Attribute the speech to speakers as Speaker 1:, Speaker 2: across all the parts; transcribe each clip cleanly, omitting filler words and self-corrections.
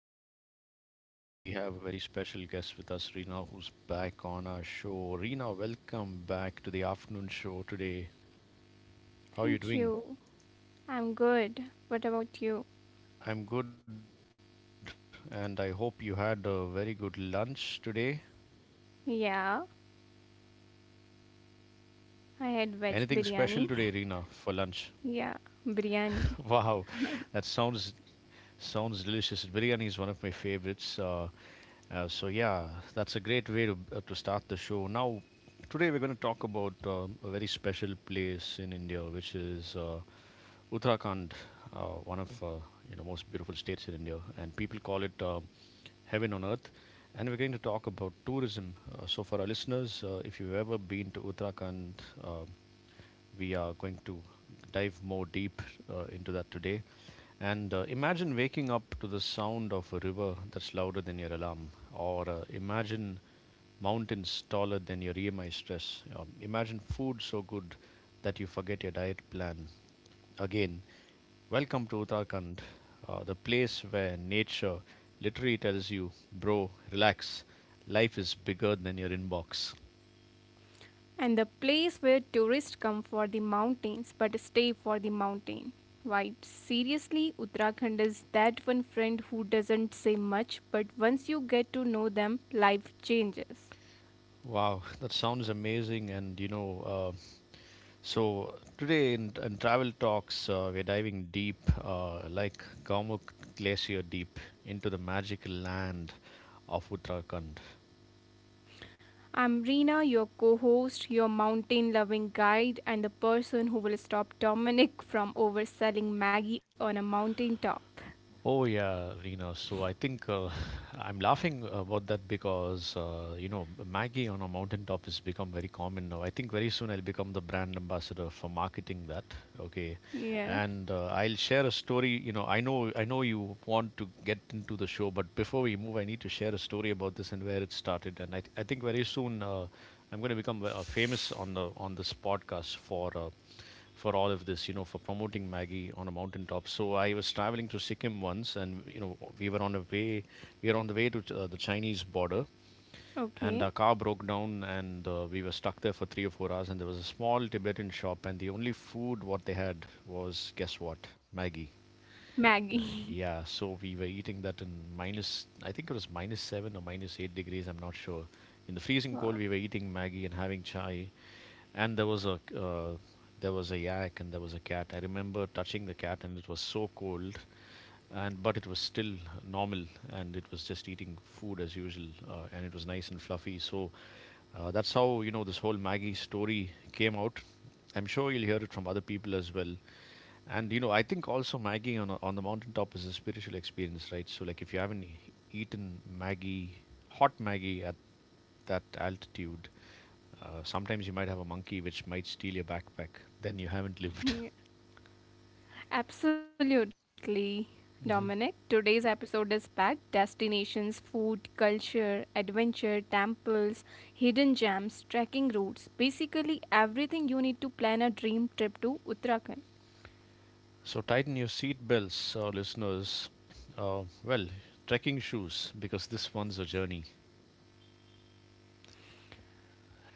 Speaker 1: well. And we have a very special guest with us, Reena, who's back on our show. Reena, welcome back to the afternoon show today. How are
Speaker 2: Thank
Speaker 1: you doing?
Speaker 2: you. I'm good. What about you?
Speaker 1: I'm good, and I hope you had a very good lunch today.
Speaker 2: Yeah, I had veg
Speaker 1: Anything special
Speaker 2: biryani.
Speaker 1: today, Reena, for lunch?
Speaker 2: Yeah, biryani.
Speaker 1: Wow, that sounds delicious. Biryani is one of my favorites. So yeah, that's a great way to start the show. Now, today we're going to talk about a very special place in India, which is Uttarakhand, one of you know most beautiful states in India, and people call it heaven on earth. And we're going to talk about tourism. So for our listeners, if you've ever been to Uttarakhand, we are going to dive more deep into that today. And imagine waking up to the sound of a river that's louder than your alarm, or imagine mountains taller than your EMI stress. Imagine food so good that you forget your diet plan. Again, welcome to Uttarakhand, the place where nature literally tells you, bro, relax, life is bigger than your inbox.
Speaker 2: And the place where tourists come for the mountains but stay for the mountain vibes. Seriously, Uttarakhand is that one friend who doesn't say much, but once you get to know them, life changes.
Speaker 1: Wow, that sounds amazing. So today in travel talks, we're diving deep, like Gaumuk Glacier deep, into the magical land of Uttarakhand.
Speaker 2: I'm Reena, your co host, your mountain loving guide, and the person who will stop Dominic from overselling Maggie on a mountain top.
Speaker 1: Oh yeah, Rina. So I think I'm laughing about that because Maggie on a mountaintop has become very common now. I think very soon I'll become the brand ambassador for marketing that. Okay,
Speaker 2: Yeah.
Speaker 1: and I'll share a story. You know, I know you want to get into the show, but before we move, I need to share a story about this and where it started. And I think very soon I'm going to become famous on the on this podcast for. For all of this, you know, for promoting Maggie on a mountaintop. So I was traveling to Sikkim once, and you know, we were on the way to the Chinese border, and our car
Speaker 2: Okay,
Speaker 1: broke down and we were stuck there for 3 or 4 hours, and there was a small Tibetan shop, and the only food what they had was, guess what, Maggie. Uh,
Speaker 2: Maggie.
Speaker 1: yeah, so we were eating that in minus, I think it was minus 7 or minus 8 degrees, I'm not sure, in the freezing cold. We were
Speaker 2: Wow.
Speaker 1: eating Maggie and having chai, and there was a yak and there was a cat. I remember touching the cat and it was so cold, and but it was still normal and it was just eating food as usual. And it was nice and fluffy. So that's how, you know, this whole Maggie story came out. I'm sure you'll hear it from other people as well. And you know, I think also Maggie on the mountaintop is a spiritual experience, right? So like if you haven't eaten Maggie, hot Maggie at that altitude, sometimes you might have a monkey which might steal your backpack. Then you haven't lived.
Speaker 2: Yeah, absolutely.
Speaker 1: Mm-hmm.
Speaker 2: Dominic, today's episode is packed destinations, food, culture, adventure, temples, hidden gems, trekking routes, basically everything you need to plan a dream trip to Uttarakhand.
Speaker 1: So tighten your seat belts, listeners. Well, trekking shoes, because this one's a journey,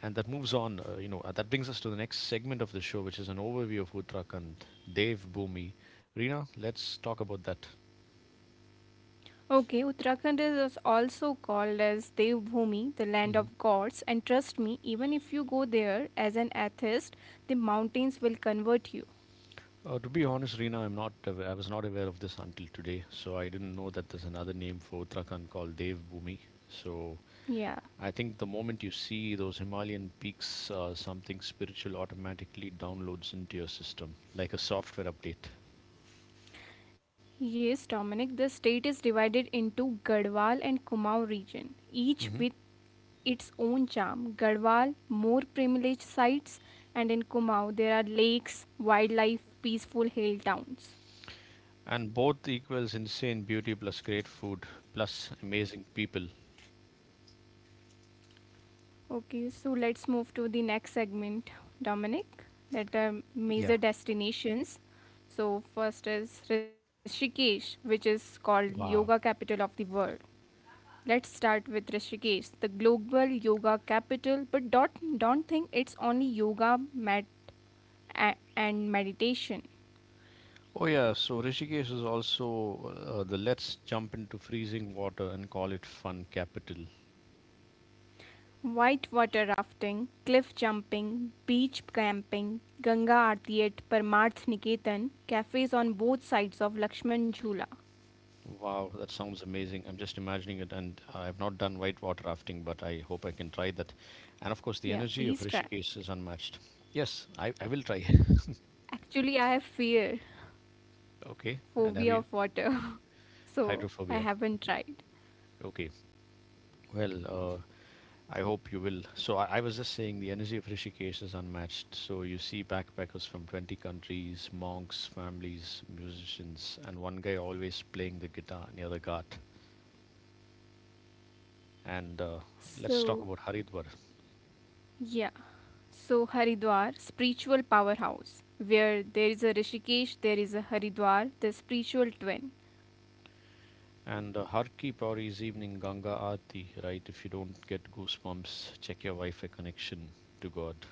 Speaker 1: and that moves on. That brings us to the next segment of the show, which is an overview of Uttarakhand. Dev Bhumi, Reena, let's talk about that.
Speaker 2: Okay, Uttarakhand is also called as Devbhumi, the land
Speaker 1: Hmm.
Speaker 2: of gods, and trust me, even if you go there as an atheist, the mountains will convert you.
Speaker 1: To be honest, Reena, I'm not. I was not aware of this until today, so I didn't know that there's another name for Uttarakhand called Dev Bhumi. So
Speaker 2: Yeah.
Speaker 1: I think the moment you see those Himalayan peaks, something spiritual automatically downloads into your system, like a software update.
Speaker 2: Yes, Dominic, the state is divided into Garhwal and Kumaon region, each
Speaker 1: Hmm.
Speaker 2: with its own charm. Garhwal, more privileged sites, and in Kumaon there are lakes, wildlife, peaceful hill towns.
Speaker 1: And both equals insane beauty plus great food plus amazing people.
Speaker 2: Okay, so let's move to the next segment, Dominic, that are
Speaker 1: Yeah.
Speaker 2: major destinations. So first is Rishikesh, which is called
Speaker 1: Wow.
Speaker 2: yoga capital of the world. Let's start with Rishikesh, the global yoga capital, but don't think it's only yoga med- and meditation.
Speaker 1: Oh yeah, so Rishikesh is also the let's jump into freezing water and call it fun capital.
Speaker 2: Whitewater rafting, cliff jumping, beach camping, Ganga Aarti at Parmarth Niketan, cafes on both sides of Lakshman Jhula.
Speaker 1: Wow, that sounds amazing. I'm just imagining it, and I've not done whitewater rafting, but I hope I can try that. And of course, the
Speaker 2: Yeah,
Speaker 1: energy of
Speaker 2: please try.
Speaker 1: Rishikesh is unmatched. Yes, I will try.
Speaker 2: Actually, I have fear,
Speaker 1: Okay, and have
Speaker 2: phobia
Speaker 1: you
Speaker 2: of water, so I
Speaker 1: hydrophobia?
Speaker 2: haven't
Speaker 1: Okay,
Speaker 2: tried.
Speaker 1: okay. Well, I hope you will. So I was just saying the energy of Rishikesh is unmatched. So you see backpackers from 20 countries, monks, families, musicians, and one guy always playing the guitar near the ghat. And let's talk
Speaker 2: So,
Speaker 1: about Haridwar.
Speaker 2: yeah. So, Haridwar, spiritual powerhouse, where there is a Rishikesh, there is a Haridwar, the spiritual twin.
Speaker 1: And Harki Pauri's evening Ganga Aarti, right? If you don't get goosebumps, check your Wi-Fi connection to God.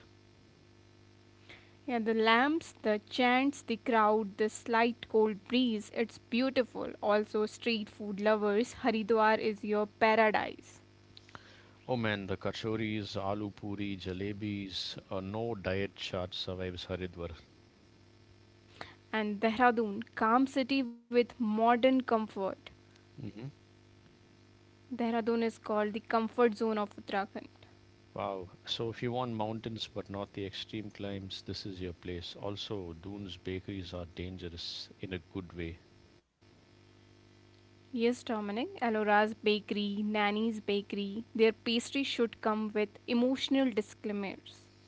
Speaker 2: Yeah, the lamps, the chants, the crowd, the slight cold breeze, it's beautiful. Also, street food lovers, Haridwar is your paradise.
Speaker 1: Oh man, the kachoris, aloo puri, jalebis, no diet chart survives Haridwar.
Speaker 2: And Dehradun, calm city with modern comfort.
Speaker 1: Hmm.
Speaker 2: Dehradun is called the comfort zone of Uttarakhand.
Speaker 1: Wow. So if you want mountains but not the extreme climbs, this is your place. Also, Doon's bakeries are dangerous in a good way.
Speaker 2: Yes, Dominic, Alora's Bakery, Nanny's Bakery, their pastry should come with emotional disclaimers.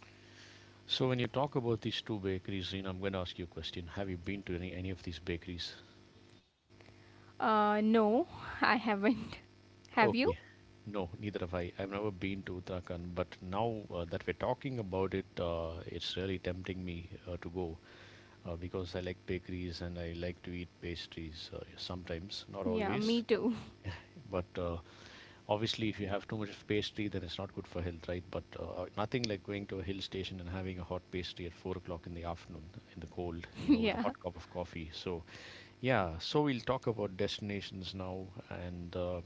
Speaker 1: So when you talk about these two bakeries, Reena, I'm going to ask you a question. Have you been to any of these bakeries?
Speaker 2: No, I haven't. Have
Speaker 1: Okay.
Speaker 2: you?
Speaker 1: No, neither have I. I've never been to Uttarakhand, but now that we're talking about it, it's really tempting me to go because I like bakeries and I like to eat pastries sometimes, not
Speaker 2: Yeah,
Speaker 1: always.
Speaker 2: me too.
Speaker 1: But obviously, if you have too much of pastry, then it's not good for health, right? But nothing like going to a hill station and having a hot pastry at 4 o'clock in the afternoon in the cold, you know, with a hot
Speaker 2: yeah.
Speaker 1: cup of coffee. So, yeah, so we'll talk about destinations now and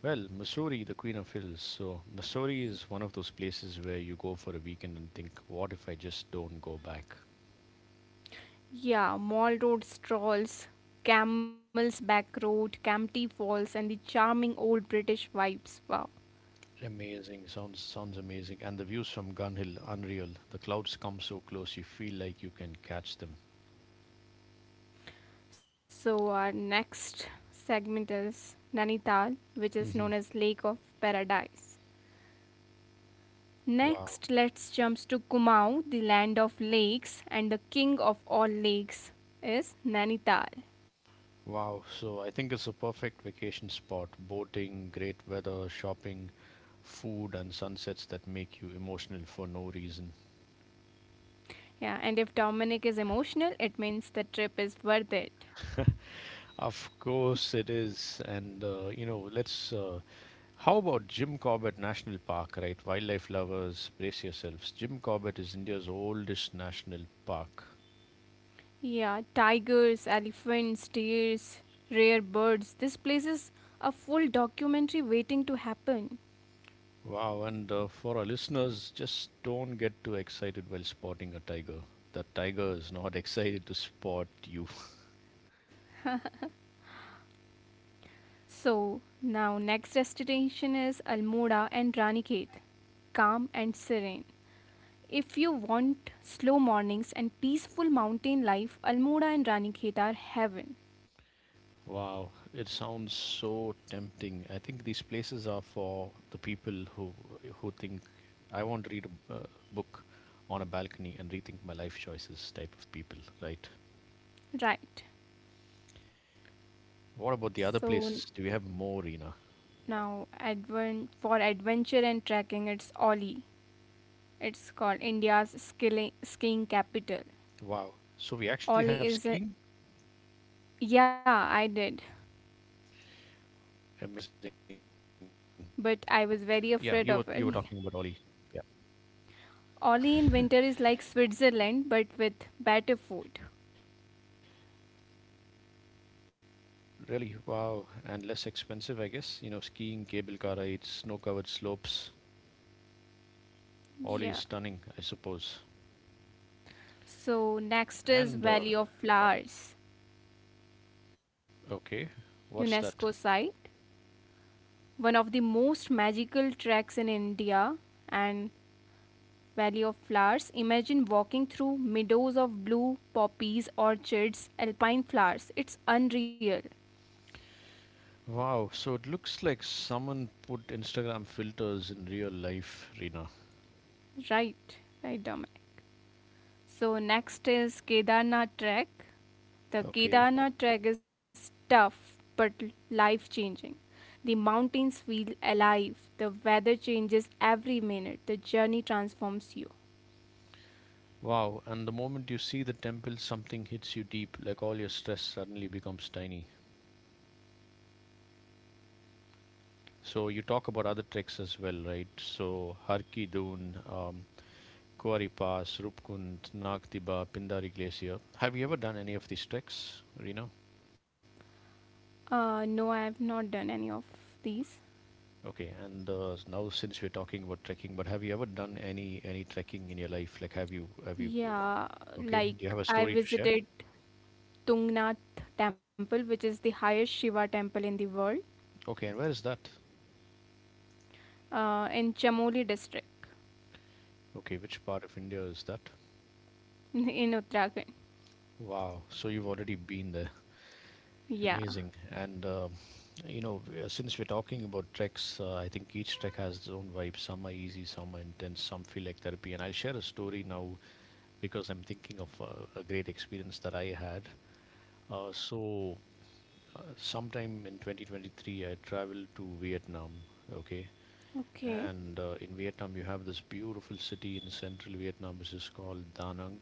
Speaker 1: well, Missouri, the Queen of Hills. So, Missouri is one of those places where you go for a weekend and think, what if I just don't go back?
Speaker 2: Yeah, Mall Road strolls, Camel's Back Road, Campty Falls, and the charming old British vibes. Wow.
Speaker 1: Amazing. Sounds amazing. And the views from Gun Hill, unreal. The clouds come so close, you feel like you can catch them.
Speaker 2: So, our next segment is Nanital, which is
Speaker 1: Hmm.
Speaker 2: known as Lake of Paradise.
Speaker 1: Wow.
Speaker 2: Next, let's jump to Kumaon, the land of lakes, and the king of all lakes is Nanital.
Speaker 1: Wow. So, I think it's a perfect vacation spot. Boating, great weather, shopping, food, and sunsets that make you emotional for no reason.
Speaker 2: Yeah, and if Dominic is emotional, it means the trip is worth it.
Speaker 1: Of course it is. And, you know, let's how about Jim Corbett National Park, right? Wildlife lovers, brace yourselves. Jim Corbett is India's oldest national park.
Speaker 2: Yeah, tigers, elephants, deers, rare birds. This place is a full documentary waiting to happen.
Speaker 1: Wow, and for our listeners, just don't get too excited while spotting a tiger. The tiger is not excited to spot you.
Speaker 2: So, now next destination is Almora and Ranikhet, calm and serene. If you want slow mornings and peaceful mountain life, Almora and Ranikhet are heaven.
Speaker 1: Wow, it sounds so tempting. I think these places are for the people who think I want to read a book on a balcony and rethink my life choices type of people, right?
Speaker 2: Right.
Speaker 1: What about the other
Speaker 2: So
Speaker 1: places? Do we have more, Rina?
Speaker 2: now advent for adventure and trekking it's Oli. It's called India's skilling, skiing capital.
Speaker 1: Wow. So we actually have
Speaker 2: Ollie
Speaker 1: skiing?
Speaker 2: is a. Yeah, I did.
Speaker 1: Amazing. Yeah, you were talking about Oli.
Speaker 2: But I was
Speaker 1: Yeah.
Speaker 2: very afraid of it. Ollie in winter is like Switzerland but with better food.
Speaker 1: Really, wow. And less expensive, I guess. You know, skiing, cable car rides, snow-covered slopes. Oli
Speaker 2: Yeah.
Speaker 1: is stunning, I suppose.
Speaker 2: So next is
Speaker 1: And
Speaker 2: Valley of Flowers,
Speaker 1: okay, what's
Speaker 2: UNESCO
Speaker 1: that?
Speaker 2: site, one of the most magical tracks in India and Valley of Flowers. Imagine walking through meadows of blue poppies, orchards, alpine flowers. It's unreal.
Speaker 1: Wow, so it looks like someone put Instagram filters in real life, Rina.
Speaker 2: Right, right, Dominic. So next is Kedarnath trek. The
Speaker 1: Okay.
Speaker 2: Kedarnath trek is tough but life changing. The mountains feel alive. The weather changes every minute. The journey transforms you.
Speaker 1: Wow, and the moment you see the temple, something hits you deep, like all your stress suddenly becomes tiny. So you talk about other tricks as well, right? So Harki Dun, Kuari Pass, Rupkund, Nagtiba, Pindari Glacier. Have you ever done any of these treks, Rina?
Speaker 2: No, I have not done any of these.
Speaker 1: Okay, and now since we're talking about trekking, but have you ever done any trekking in your life? Like, have you?
Speaker 2: Yeah,
Speaker 1: Okay, do you
Speaker 2: like
Speaker 1: have a
Speaker 2: I
Speaker 1: story to share?
Speaker 2: visited Tungnath temple, which is the highest Shiva temple in the world,
Speaker 1: Okay, and where is that?
Speaker 2: in Chamoli district
Speaker 1: Okay, which part of India is that?
Speaker 2: in Uttarakhand.
Speaker 1: Wow, so you've already been there.
Speaker 2: Yeah.
Speaker 1: Amazing. And since we're talking about treks, I think each trek has its own vibe. Some are easy, some are intense, some feel like therapy. And I'll share a story now because I'm thinking of a great experience that I had. Uh, so, Sometime in 2023, I traveled to Vietnam. Okay.
Speaker 2: Okay.
Speaker 1: And in Vietnam, you have this beautiful city in central Vietnam, which is called Da Nang.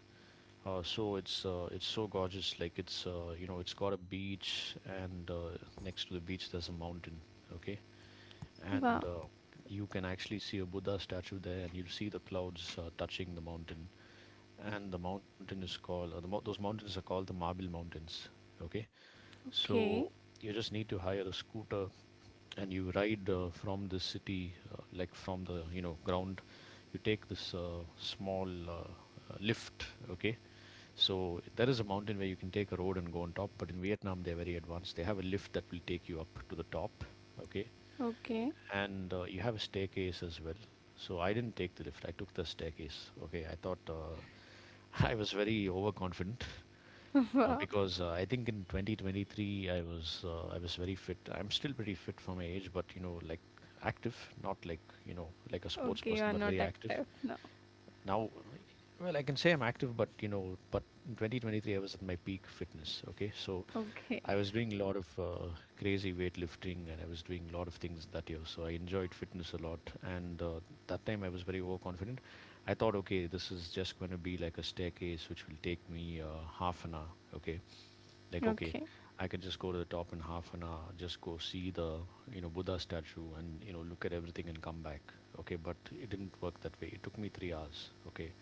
Speaker 1: It's so gorgeous. Like it's it's got a beach, and next to the beach there's a mountain. Okay,
Speaker 2: Wow.
Speaker 1: and you can actually see a Buddha statue there, and you'll see the clouds touching the mountain. And the mountain is called those mountains are called the Marble Mountains. Okay,
Speaker 2: Okay.
Speaker 1: so you just need to hire a scooter, and you ride from the city, like from the ground. You take this small lift. Okay, so there is a mountain where you can take a road and go on top, but in Vietnam they're very advanced. They have a lift that will take you up to the top, okay?
Speaker 2: Okay.
Speaker 1: And you have a staircase as well. So I didn't take the lift. I took the staircase. Okay, I thought I was very overconfident
Speaker 2: Wow.
Speaker 1: because I think in 2023 I was very fit. I'm still pretty fit for my age, but you know, like active, not like you know like a sports
Speaker 2: Okay, you are
Speaker 1: person, but
Speaker 2: not
Speaker 1: very active
Speaker 2: active now.
Speaker 1: now. Well, I can say I'm active, but you know, but in 2023 I was at my peak fitness. Okay, so
Speaker 2: Okay.
Speaker 1: I was doing a lot of crazy weightlifting, and I was doing a lot of things that year, so I enjoyed fitness a lot. And that time I was very overconfident. I thought, okay, this is just going to be like a staircase which will take me half an hour. Okay, like, okay,
Speaker 2: Okay.
Speaker 1: I can just go to the top in half an hour, just go see the, you know, buddha statue, and you know, look at everything and come back. Okay, but it didn't work that way. It took me 3 hours. Okay,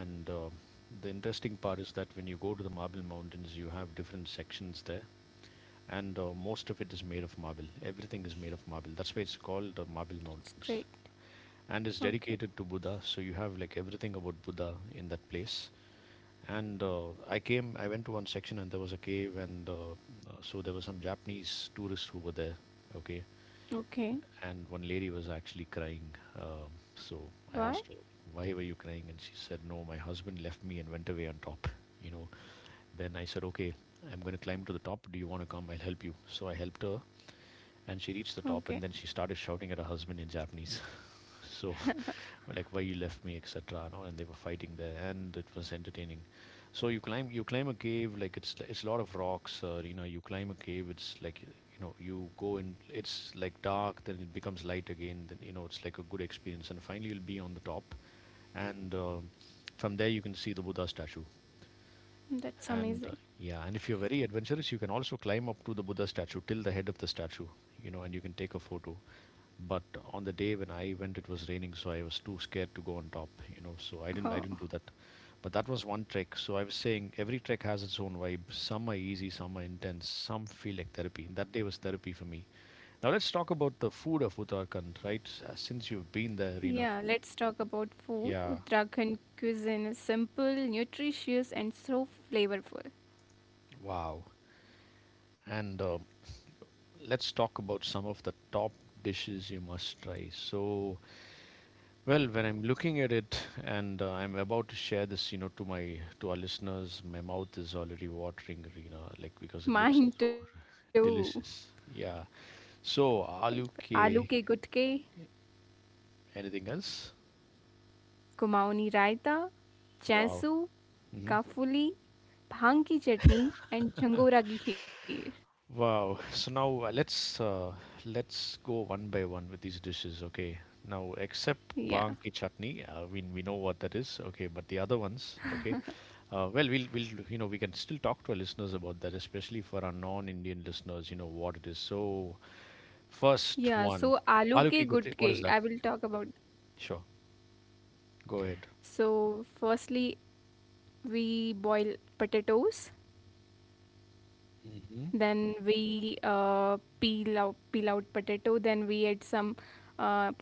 Speaker 1: and the interesting part is that when you go to the Marble Mountains, you have different sections there, and most of it is made of marble. Everything is made of marble. That's why it's called the Marble
Speaker 2: That's great.
Speaker 1: Mountains. And it's
Speaker 2: Okay.
Speaker 1: dedicated to Buddha, so you have like everything about Buddha in that place. And I went to one section, and there was a cave, and so there were some Japanese tourists who were there. Okay,
Speaker 2: Okay.
Speaker 1: and one lady was actually crying. So I
Speaker 2: Why?
Speaker 1: asked her, "Why were you crying?" And she said, "No, my husband left me and went away on top." You know. Then I said, "Okay, I'm going to climb to the top. Do you want to come? I'll help you." So I helped her, and she reached the
Speaker 2: Okay.
Speaker 1: top, and then she started shouting at her husband in Japanese. So, like, why you left me, etc. and all, and they were fighting there, and it was entertaining. So you climb, you climb a cave. It's a lot of rocks, or you know, you climb a cave, it's like, you know, you go in, it's like dark, then it becomes light again, then you know, it's like a good experience, and finally you'll be on the top. And from there you can see the buddha statue.
Speaker 2: That's amazing.
Speaker 1: And yeah, and if you're very adventurous, you can also climb up to the buddha statue, till the head of the statue, you know, and you can take a photo. But on the day when I went, it was raining, so I was too scared to go on top, you know.
Speaker 2: Oh.
Speaker 1: I didn't do that. But that was one trek. So I was saying every trek has its own vibe. Some are easy, some are intense, some feel like therapy. That day was therapy for me. Now let's talk about the food of Uttarakhand, right? Since you've been there,
Speaker 2: Yeah,
Speaker 1: Rina.
Speaker 2: let's talk about food.
Speaker 1: Yeah,
Speaker 2: Uttarakhand cuisine is simple, nutritious, and so flavorful.
Speaker 1: wow. And let's talk about some of the top dishes you must try. So, well, when I'm looking at it, and I'm about to share this, you know, to my to our listeners, my mouth is already watering, you know, like, because it looks
Speaker 2: Mine
Speaker 1: so
Speaker 2: too.
Speaker 1: delicious. Yeah. So,
Speaker 2: Like
Speaker 1: aloo
Speaker 2: aloo ke
Speaker 1: ke,
Speaker 2: gutke,
Speaker 1: anything else?
Speaker 2: kumaoni raita,
Speaker 1: Wow.
Speaker 2: chansu,
Speaker 1: Hmm.
Speaker 2: kafuli, भांग की चटनी and झंगोरा की खीर
Speaker 1: Wow. So now let's go one by one with these dishes, okay? Now, except
Speaker 2: या
Speaker 1: bang ki chutney, we know what that is, okay, but the other ones, okay? Well, you know, we can still talk to our listeners about that, especially for our non-Indian listeners, you know, what it is. So,
Speaker 2: या
Speaker 1: first
Speaker 2: सो
Speaker 1: one,
Speaker 2: आलू के
Speaker 1: aloo ki gotti,
Speaker 2: गुटके
Speaker 1: what is
Speaker 2: I
Speaker 1: that?
Speaker 2: Will talk about.
Speaker 1: Sure, go ahead.
Speaker 2: So, firstly, we boil potatoes,
Speaker 1: Hmm.
Speaker 2: then we peel out potato, then we add some uh,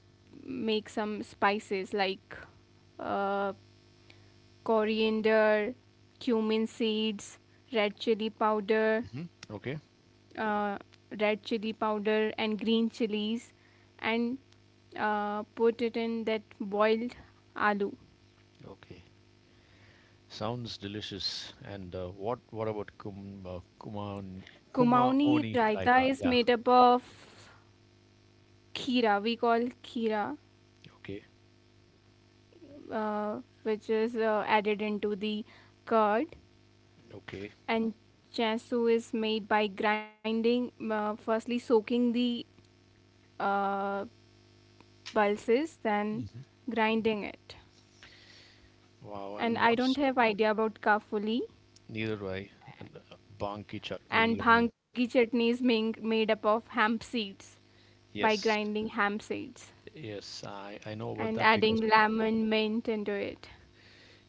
Speaker 2: make some spices like uh, coriander, cumin seeds, red chili powder,
Speaker 1: Hmm. Okay,
Speaker 2: uh, red chili powder, and green chilies, and put it in that boiled aloo.
Speaker 1: okay. Sounds delicious. And what about kuma
Speaker 2: Kumauni
Speaker 1: oni
Speaker 2: raita
Speaker 1: raita?
Speaker 2: is
Speaker 1: Yeah,
Speaker 2: made up of khira. We call khira
Speaker 1: okay,
Speaker 2: which is added into the curd,
Speaker 1: okay.
Speaker 2: and chasu is made by grinding firstly soaking the uh, pulses then
Speaker 1: Hmm.
Speaker 2: grinding it,
Speaker 1: Wow,
Speaker 2: and
Speaker 1: and
Speaker 2: I
Speaker 1: what's,
Speaker 2: don't have idea about ka.
Speaker 1: neither do I. And bang ki chutney? I
Speaker 2: And
Speaker 1: mean,
Speaker 2: bhang ki chutney is made up of hemp seeds by
Speaker 1: yes,
Speaker 2: grinding hemp seeds
Speaker 1: yes, I know about
Speaker 2: and
Speaker 1: that, because.
Speaker 2: adding lemon mint into it.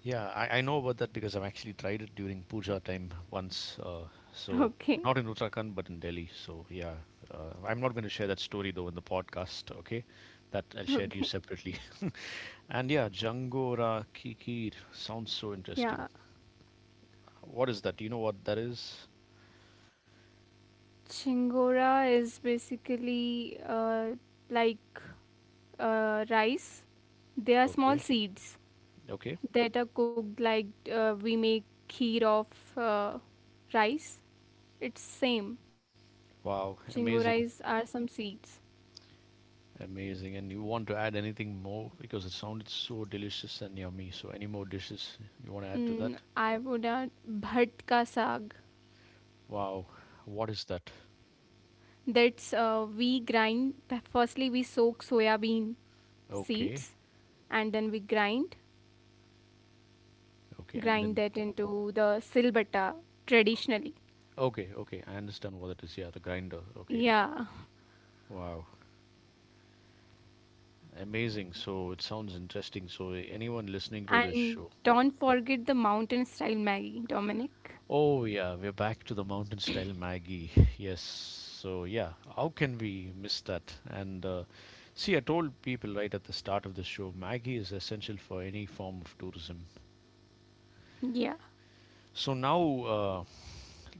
Speaker 1: Yeah, I know about that because I've actually tried it during puja time once. So,
Speaker 2: Okay,
Speaker 1: not in Uttarakhand, but in Delhi. So yeah, I'm not going to share that story though in the podcast. Okay, that I'll share to you
Speaker 2: okay.
Speaker 1: separately. And yeah, Jangora Kikir sounds so interesting.
Speaker 2: Yeah,
Speaker 1: What is that? Do you know what that is?
Speaker 2: chingora is basically like rice, they are
Speaker 1: Okay,
Speaker 2: small seeds
Speaker 1: okay.
Speaker 2: that are cooked like we make kheer of uh, rice. It's same.
Speaker 1: Wow,
Speaker 2: Chingo
Speaker 1: amazing,
Speaker 2: rice are some seeds.
Speaker 1: amazing. And you want to add anything more, because it sounded so delicious and yummy. So any more dishes you want to add to that?
Speaker 2: Mm, I would add bhat ka saag.
Speaker 1: Wow, what is that?
Speaker 2: That's we grind. Firstly, we soak soya bean
Speaker 1: Okay.
Speaker 2: seeds, and then we grind
Speaker 1: Okay, and then
Speaker 2: grind that into the silbata traditionally.
Speaker 1: okay, okay, I understand what it is. Yeah, the grinder. Okay,
Speaker 2: Yeah,
Speaker 1: wow, amazing. So it sounds interesting. So anyone listening to this show?
Speaker 2: and don't forget the mountain style Maggie, Dominic.
Speaker 1: Oh yeah, we're back to the mountain style Maggie. Yes. So yeah, how can we miss that? And see, I told people right at the start of the show, Maggie is essential for any form of tourism.
Speaker 2: Yeah.
Speaker 1: So now, uh,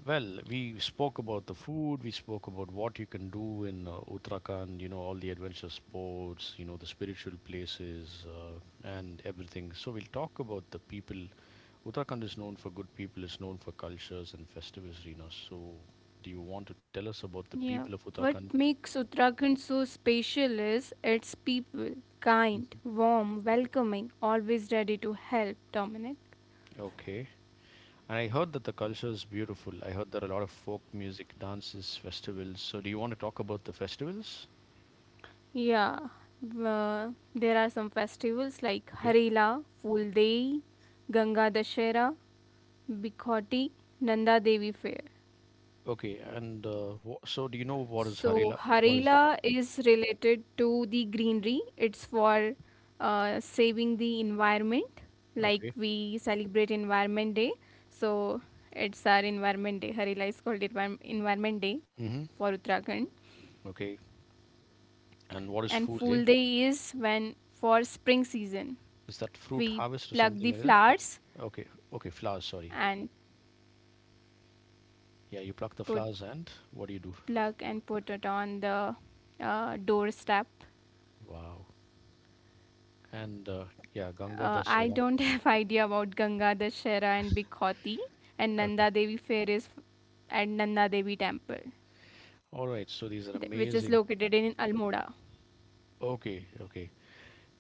Speaker 1: well, we spoke about the food, we spoke about what you can do in Uttarakhand, you know, all the adventure sports, you know, the spiritual places, and everything. So we'll talk about the people. Uttarakhand is known for good people, it's known for cultures and festivals, Rina. So do you want to tell us about the
Speaker 2: Yeah,
Speaker 1: people of
Speaker 2: what
Speaker 1: Uttarakhand?
Speaker 2: makes Uttarakhand so special is its people. Kind,
Speaker 1: Mhm.
Speaker 2: warm, welcoming, always ready to help, Dominic.
Speaker 1: Okay. And I heard that the culture is beautiful. I heard there are a lot of folk music, dances, festivals. So do you want to talk about the festivals?
Speaker 2: Yeah, there are some festivals like Harila, Fuldei, Ganga Dashera, Bikhoti, Nanda Devi Fair.
Speaker 1: Okay, and wha so do you know what
Speaker 2: So
Speaker 1: is Harela? What
Speaker 2: Harela
Speaker 1: is
Speaker 2: is related to the greenery. It's for saving the environment. Like
Speaker 1: okay?
Speaker 2: we celebrate Environment Day. So it's our Environment Day. Harela is called Envi- Environment Day
Speaker 1: Hmm.
Speaker 2: for Uttarakhand.
Speaker 1: Okay, and what is
Speaker 2: And
Speaker 1: Fool
Speaker 2: Fool
Speaker 1: Day?
Speaker 2: Day is when for spring season
Speaker 1: Is that fruit
Speaker 2: we
Speaker 1: harvest or
Speaker 2: plug
Speaker 1: something
Speaker 2: the
Speaker 1: like that?
Speaker 2: flowers
Speaker 1: Okay, okay, flowers. Sorry,
Speaker 2: and
Speaker 1: yeah, you pluck the
Speaker 2: put
Speaker 1: flowers and what do you do?
Speaker 2: plug and put it on the doorstep.
Speaker 1: Wow, and yeah, Ganga
Speaker 2: I
Speaker 1: Dashera.
Speaker 2: don't have idea about Ganga Dashera and Bikhoti, and
Speaker 1: Okay,
Speaker 2: Nanda Devi Fair is f- at Nanda Devi Temple,
Speaker 1: all right. So these are
Speaker 2: th- which is
Speaker 1: amazing.
Speaker 2: located in Almora.
Speaker 1: Okay, okay.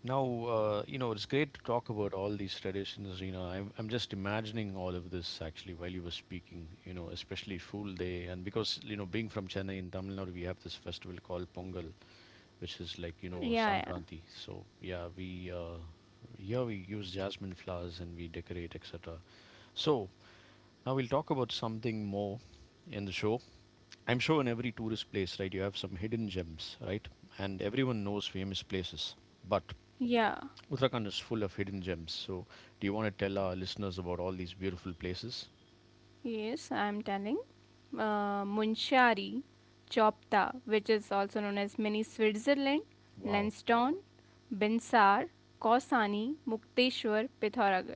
Speaker 1: Now, you know, it's great to talk about all these traditions, you know. I'm just imagining all of this actually while you were speaking, you know, especially Fool Day. And because, you know, being from Chennai in Tamil Nadu, we have this festival called Pongal, which is like, you
Speaker 2: Yeah,
Speaker 1: know,
Speaker 2: yeah,
Speaker 1: Sankranti. So, yeah, here we use jasmine flowers and we decorate, etc. So, now we'll talk about something more in the show. I'm sure in every tourist place, right, you have some hidden gems, right? And everyone knows famous places. But
Speaker 2: yeah.
Speaker 1: Uttarakhand is full of hidden gems. So, do you want to tell our listeners about all these beautiful places?
Speaker 2: Yes, I'm telling. Munshari, Chopta, which is also known as Mini Switzerland,
Speaker 1: Wow.
Speaker 2: Lansdowne, Binsar, Kausani, Mukteshwar, Pitharagar.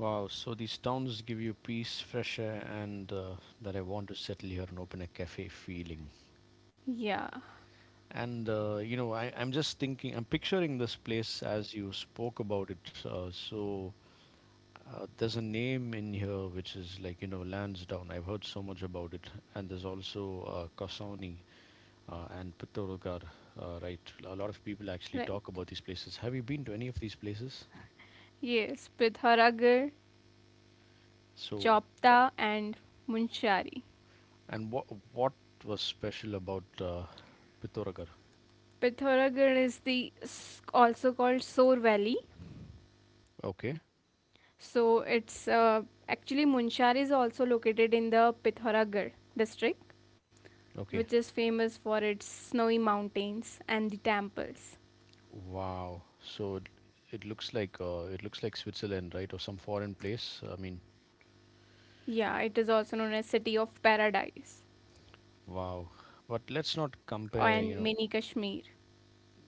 Speaker 1: Wow. So, these towns give you peace, fresh air, and that I want to settle here and open a cafe feeling.
Speaker 2: Yeah,
Speaker 1: And, you know, I'm just thinking, I'm picturing this place as you spoke about it. There's a name in here which is like, you know, Lansdowne. I've heard so much about it. And there's also Kasauni, and Pittoragar, right? A lot of people actually
Speaker 2: right.
Speaker 1: talk about these places. Have you been to any of these places?
Speaker 2: Yes, Pitharagar,
Speaker 1: So,
Speaker 2: Chopta, and Munshari.
Speaker 1: and what was special about Pittoragar?
Speaker 2: Pithoragarh is the also called Soar Valley.
Speaker 1: Okay,
Speaker 2: So it's actually Munshar is also located in the Pithoragarh district,
Speaker 1: okay,
Speaker 2: which is famous for its snowy mountains and the temples.
Speaker 1: wow. So it, it looks like Switzerland, right, or some foreign place. I mean,
Speaker 2: Yeah, it is also known as City of Paradise
Speaker 1: wow. But let's not compare,
Speaker 2: and
Speaker 1: you know.
Speaker 2: mini Kashmir.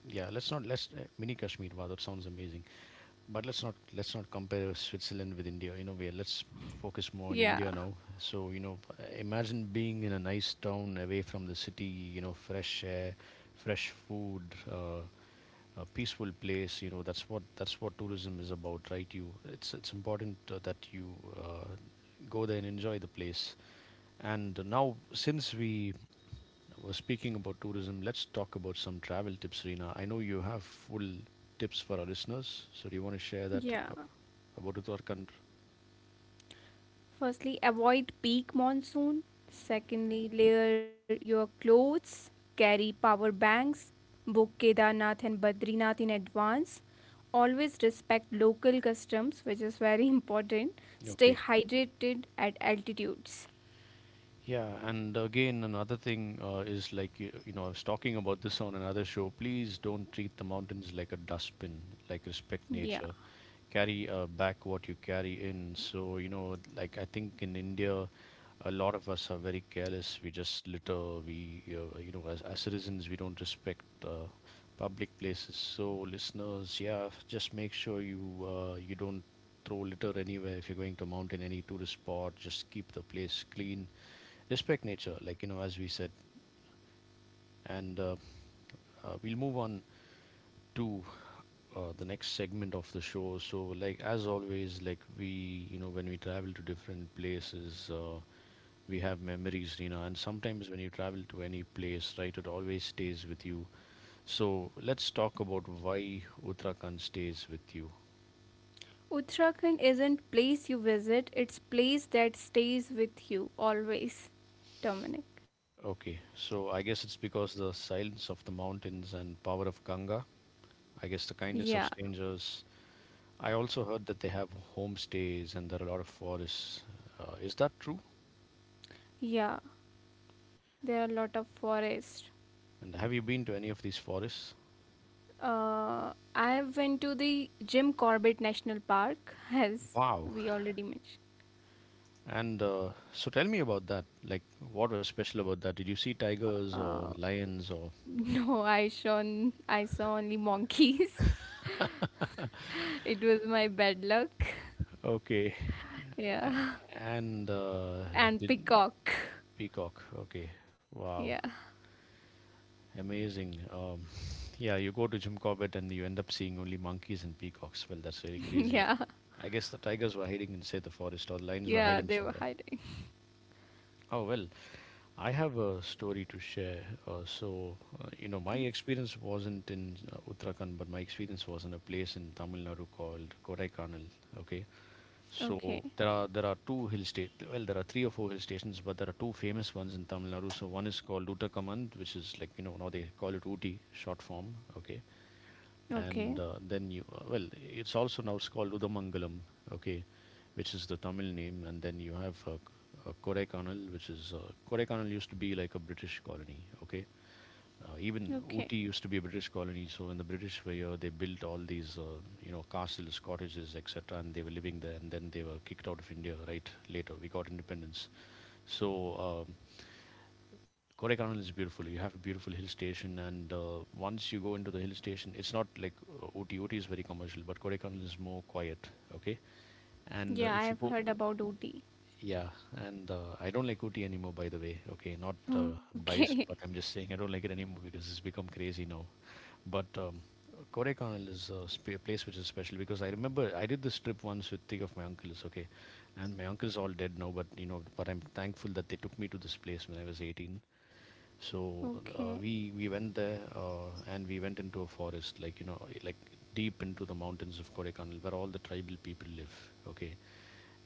Speaker 1: Yeah, let's not let's mini Kashmir. Wow, that sounds amazing. But let's not compare Switzerland with India. You know, we, let's focus more on
Speaker 2: Yeah,
Speaker 1: India now. So you know, imagine being in a nice town away from the city. You know, fresh air, fresh food, a peaceful place. You know, that's what tourism is about, right? You, it's important that you uh, go there and enjoy the place. And now, since we were speaking about tourism, let's talk about some travel tips, Reena. I know you have full tips for our listeners. So do you want to share that
Speaker 2: yeah.
Speaker 1: about it or country.
Speaker 2: Firstly, avoid peak monsoon. Secondly, layer your clothes, carry power banks, book Kedarnath and Badrinath in advance, always respect local customs, which is very important. Stay
Speaker 1: Okay.
Speaker 2: hydrated at altitudes.
Speaker 1: Yeah, and again, another thing is like, you know, I was talking about this on another show. Please don't treat the mountains like a dustbin, like respect
Speaker 2: Yeah,
Speaker 1: nature. Carry back what you carry in. So, you know, like I think in India, a lot of us are very careless. We just litter. You know, as citizens, we don't respect public places. So, listeners, yeah, just make sure you don't throw litter anywhere. If you're going to mountain, any tourist spot, just keep the place clean. Respect nature, like you know, as we said. And we'll move on to the next segment of the show. So, like as always, like we, you know, when we travel to different places. We have memories, Rina, and sometimes when you travel to any place, right, it always stays with you. So let's talk about why Uttarakhand stays with you.
Speaker 2: Uttarakhand isn't place you visit, it's place that stays with you always, Dominic.
Speaker 1: Okay, so I guess it's because the silence of the mountains and power of Ganga. I guess the
Speaker 2: Yeah,
Speaker 1: kindness of strangers. I also heard that they have homestays and there are a lot of forests. Is that true?
Speaker 2: yeah, there are a lot of forests.
Speaker 1: And have you been to any of these forests?
Speaker 2: uh, I went to the Jim Corbett National Park as
Speaker 1: Wow.
Speaker 2: we already mentioned.
Speaker 1: And so tell me about that. Like, what was special about that? Did you see tigers
Speaker 2: uh,
Speaker 1: or lions or?
Speaker 2: no, I saw only monkeys. It was my bad luck.
Speaker 1: Okay.
Speaker 2: Yeah,
Speaker 1: And
Speaker 2: and
Speaker 1: did
Speaker 2: peacock.
Speaker 1: Peacock. Okay.
Speaker 2: Yeah,
Speaker 1: Wow. Amazing. Yeah, you go to Jim Corbett and you end up seeing only monkeys and peacocks. Well, that's really crazy.
Speaker 2: yeah,
Speaker 1: I guess the tigers were hiding inside the forest or the lions were hiding
Speaker 2: yeah, they
Speaker 1: somewhere.
Speaker 2: were hiding.
Speaker 1: Oh, well, I have a story to share. My
Speaker 2: Please.
Speaker 1: experience wasn't in Uttarakhand, but my experience was in a place in Tamil Nadu called Kodaikanal. Okay. So there
Speaker 2: Okay,
Speaker 1: are there are two hill state, well, there are three or four hill stations, but there are two famous ones in Tamil Nadu. So one is called Lutakamand, which is like now they call it Ooty short form. Okay. And
Speaker 2: okay,
Speaker 1: then you well, it's also now it's called Udamangalam, okay, which is the Tamil name. And then you have Kodaikanal, which is Kodaikanal used to be like a British colony. Okay. Even Ooty
Speaker 2: okay.
Speaker 1: used to be a British colony, so when the British were here, they built all these, castles, cottages, etc., and they were living there. And then they were kicked out of India. Right later, we got independence. So um, Kodaikanal is beautiful. You have a beautiful hill station, and once you go into the hill station, it's not like Ooty. Ooty is very commercial, but Kodaikanal is more quiet. Okay, and
Speaker 2: Yeah, I
Speaker 1: if you
Speaker 2: have
Speaker 1: go,
Speaker 2: heard about OT.
Speaker 1: yeah, and I don't like OT anymore, by the way. Okay, not
Speaker 2: Okay,
Speaker 1: biased, but I'm just saying I don't like it anymore because it's become crazy now. But Kodaikanal is a sp place which is special because I remember I did this trip once with three of my uncles. Okay, and my uncles all dead now, but I'm thankful that they took me to this place when I was 18. So
Speaker 2: okay,
Speaker 1: we went there and we went into a forest, like like deep into the mountains of Kodaikanal, where all the tribal people live. Okay,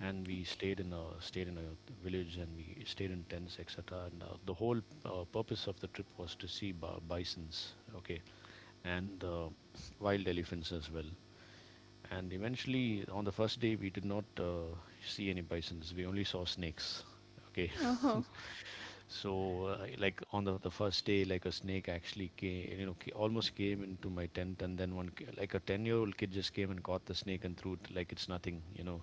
Speaker 1: and we
Speaker 2: okay.
Speaker 1: stayed in a village, and we stayed in tents, etc. And the whole purpose of the trip was to see bisons. Okay, and wild elephants as well. And eventually on the first day we did not see any bisons, we only saw snakes. Okay.
Speaker 2: Oh,
Speaker 1: So like on the, first day, like a snake actually came, almost came into my tent. And then like a 10-year-old year old kid just came and caught the snake and threw it like it's nothing,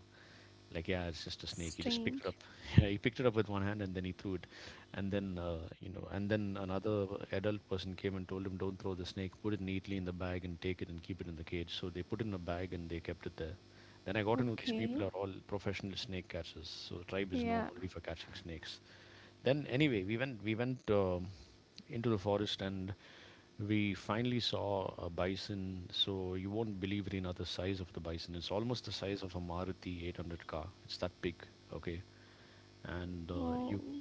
Speaker 1: like, yeah, it's just a snake, he just picked it up.
Speaker 2: strange.
Speaker 1: Yeah, he picked it up with one hand and then he threw it. And then another adult person came and told him, don't throw the snake, put it neatly in the bag and take it and keep it in the cage. So they put it in a bag and they kept it there. Then I got to know these people are
Speaker 2: Okay,
Speaker 1: all professional snake catchers, so the tribe is known only for
Speaker 2: yeah.
Speaker 1: catching snakes. Then anyway, we went into the forest, and we finally saw a bison. So you won't believe, Reena, the size of the bison. It's almost the size of a Maruti 800 car. It's that big. Okay, and
Speaker 2: Oh,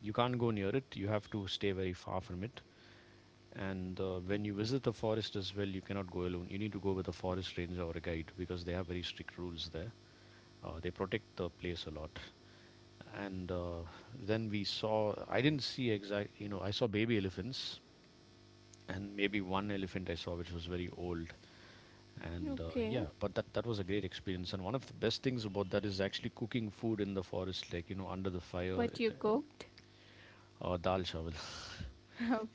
Speaker 1: you can't go near it. You have to stay very far from it. And when you visit the forest as well, you cannot go alone. You need to go with a forest ranger or a guide because they have very strict rules there. They protect the place a lot. And then we saw, I didn't see exact you know I saw baby elephants, and maybe one elephant I saw which was very old. And yeah,
Speaker 2: okay.
Speaker 1: but that was a great experience. And one of the best things about that is actually cooking food in the forest, like under the fire.
Speaker 2: But you cooked?
Speaker 1: Dal chawal.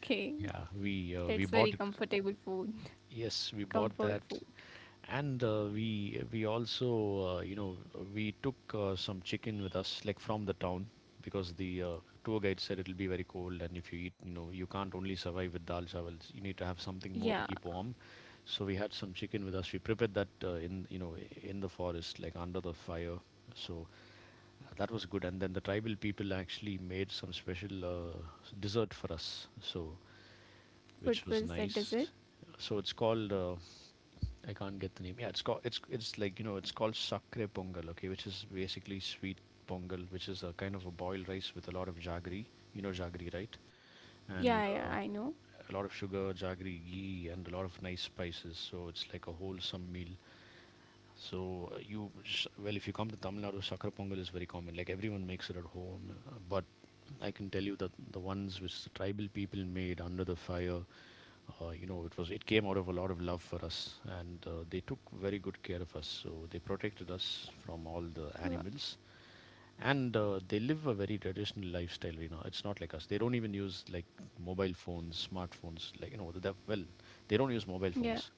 Speaker 1: Yeah, we
Speaker 2: that's
Speaker 1: bought it.
Speaker 2: very comfortable food.
Speaker 1: Yes, we bought that.
Speaker 2: Comfort food.
Speaker 1: And we also we took some chicken with us, like from the town, because the tour guide said it'll be very cold, and if you eat, you can't only survive with dal chawals. You need to have something more to
Speaker 2: Yeah,
Speaker 1: keep warm. So we had some chicken with us. We prepared that in you know in the forest, like under the fire. So that was good. And then the tribal people actually made some special dessert for us. So
Speaker 2: what
Speaker 1: which was
Speaker 2: was that
Speaker 1: nice.
Speaker 2: dessert?
Speaker 1: So it's called. I can't get the name. Yeah, it's called, it's like it's called sakre pongal. Okay, which is basically sweet pongal, which is a kind of a boiled rice with a lot of jaggery. You know jaggery, right?
Speaker 2: Yeah,
Speaker 1: And
Speaker 2: yeah, I know.
Speaker 1: a lot of sugar, jaggery, ghee, and a lot of nice spices. So it's like a wholesome meal. So well, if you come to Tamil Nadu, sakre pongal is very common. Like everyone makes it at home, but I can tell you that the ones which the tribal people made under the fire, it came out of a lot of love for us. And they took very good care of us, so they protected us from all the
Speaker 2: Yeah.
Speaker 1: animals. And they live a very traditional lifestyle, it's not like us, they don't even use like mobile phones, smartphones, like the, well, they don't use mobile
Speaker 2: Yeah.
Speaker 1: phones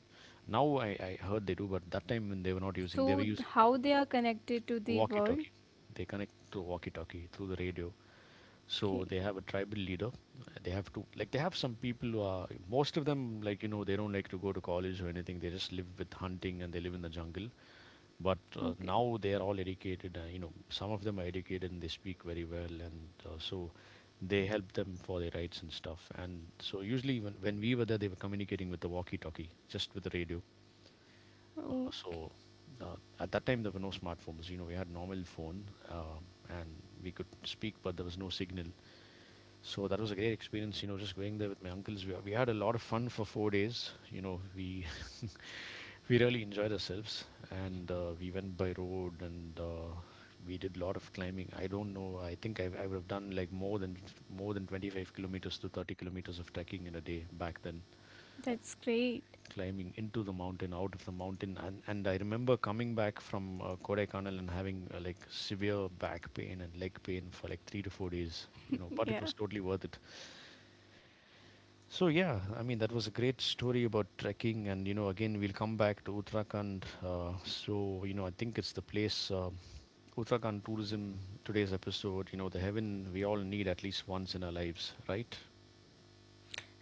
Speaker 1: now. I heard they do, but that time when they were not using, they
Speaker 2: So,
Speaker 1: were
Speaker 2: th-
Speaker 1: using
Speaker 2: how they are connected to the
Speaker 1: walkie
Speaker 2: world?
Speaker 1: talkie. They connect through walkie talkie, through the radio. So
Speaker 2: Okay,
Speaker 1: they have a tribal leader. They have to, like, they have some people who are, most of them, like, they don't like to go to college or anything, they just live with hunting and they live in the jungle. But
Speaker 2: okay.
Speaker 1: now they are all educated, some of them are educated and they speak very well. And so they help them for their rights and stuff. And so usually when, we were there they were communicating with the walkie talkie, just with the radio. uh,
Speaker 2: Oh,
Speaker 1: so uh, at that time there were no smartphones, we had normal phone, and we could speak but there was no signal. So that was a great experience, just going there with my uncles. We had a lot of fun for 4 days. You know, we We really enjoyed ourselves. And we went by road. And we did a lot of climbing. I don't know. I think I would have done like more than 25 kilometers to 30 kilometers of trekking in a day back then.
Speaker 2: that's great.
Speaker 1: Climbing into the mountain, out of the mountain. And I remember coming back from Kodaikanal and having like severe back pain and leg pain for like 3 to 4 days. But it
Speaker 2: Yeah.
Speaker 1: was totally worth it. So yeah, I mean, that was a great story about trekking. And again we'll come back to Uttarakhand. So I think it's the place, Uttarakhand tourism, today's episode. The heaven we all need at least once in our lives, right?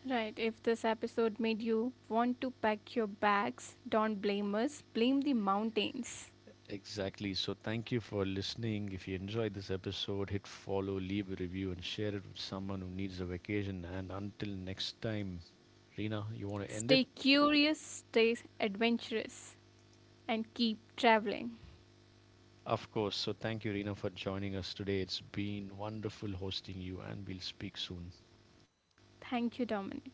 Speaker 2: Right. If this episode made you want to pack your bags, don't blame us. Blame the mountains.
Speaker 1: Exactly. So thank you for listening. If you enjoyed this episode, hit follow, leave a review, and share it with someone who needs a vacation. And until next time, Reena, you want to end
Speaker 2: Stay
Speaker 1: it?
Speaker 2: curious, stay adventurous, and keep traveling.
Speaker 1: Of course. So thank you, Reena, for joining us today. It's been wonderful hosting you, and we'll speak soon.
Speaker 2: Thank you, Dominic.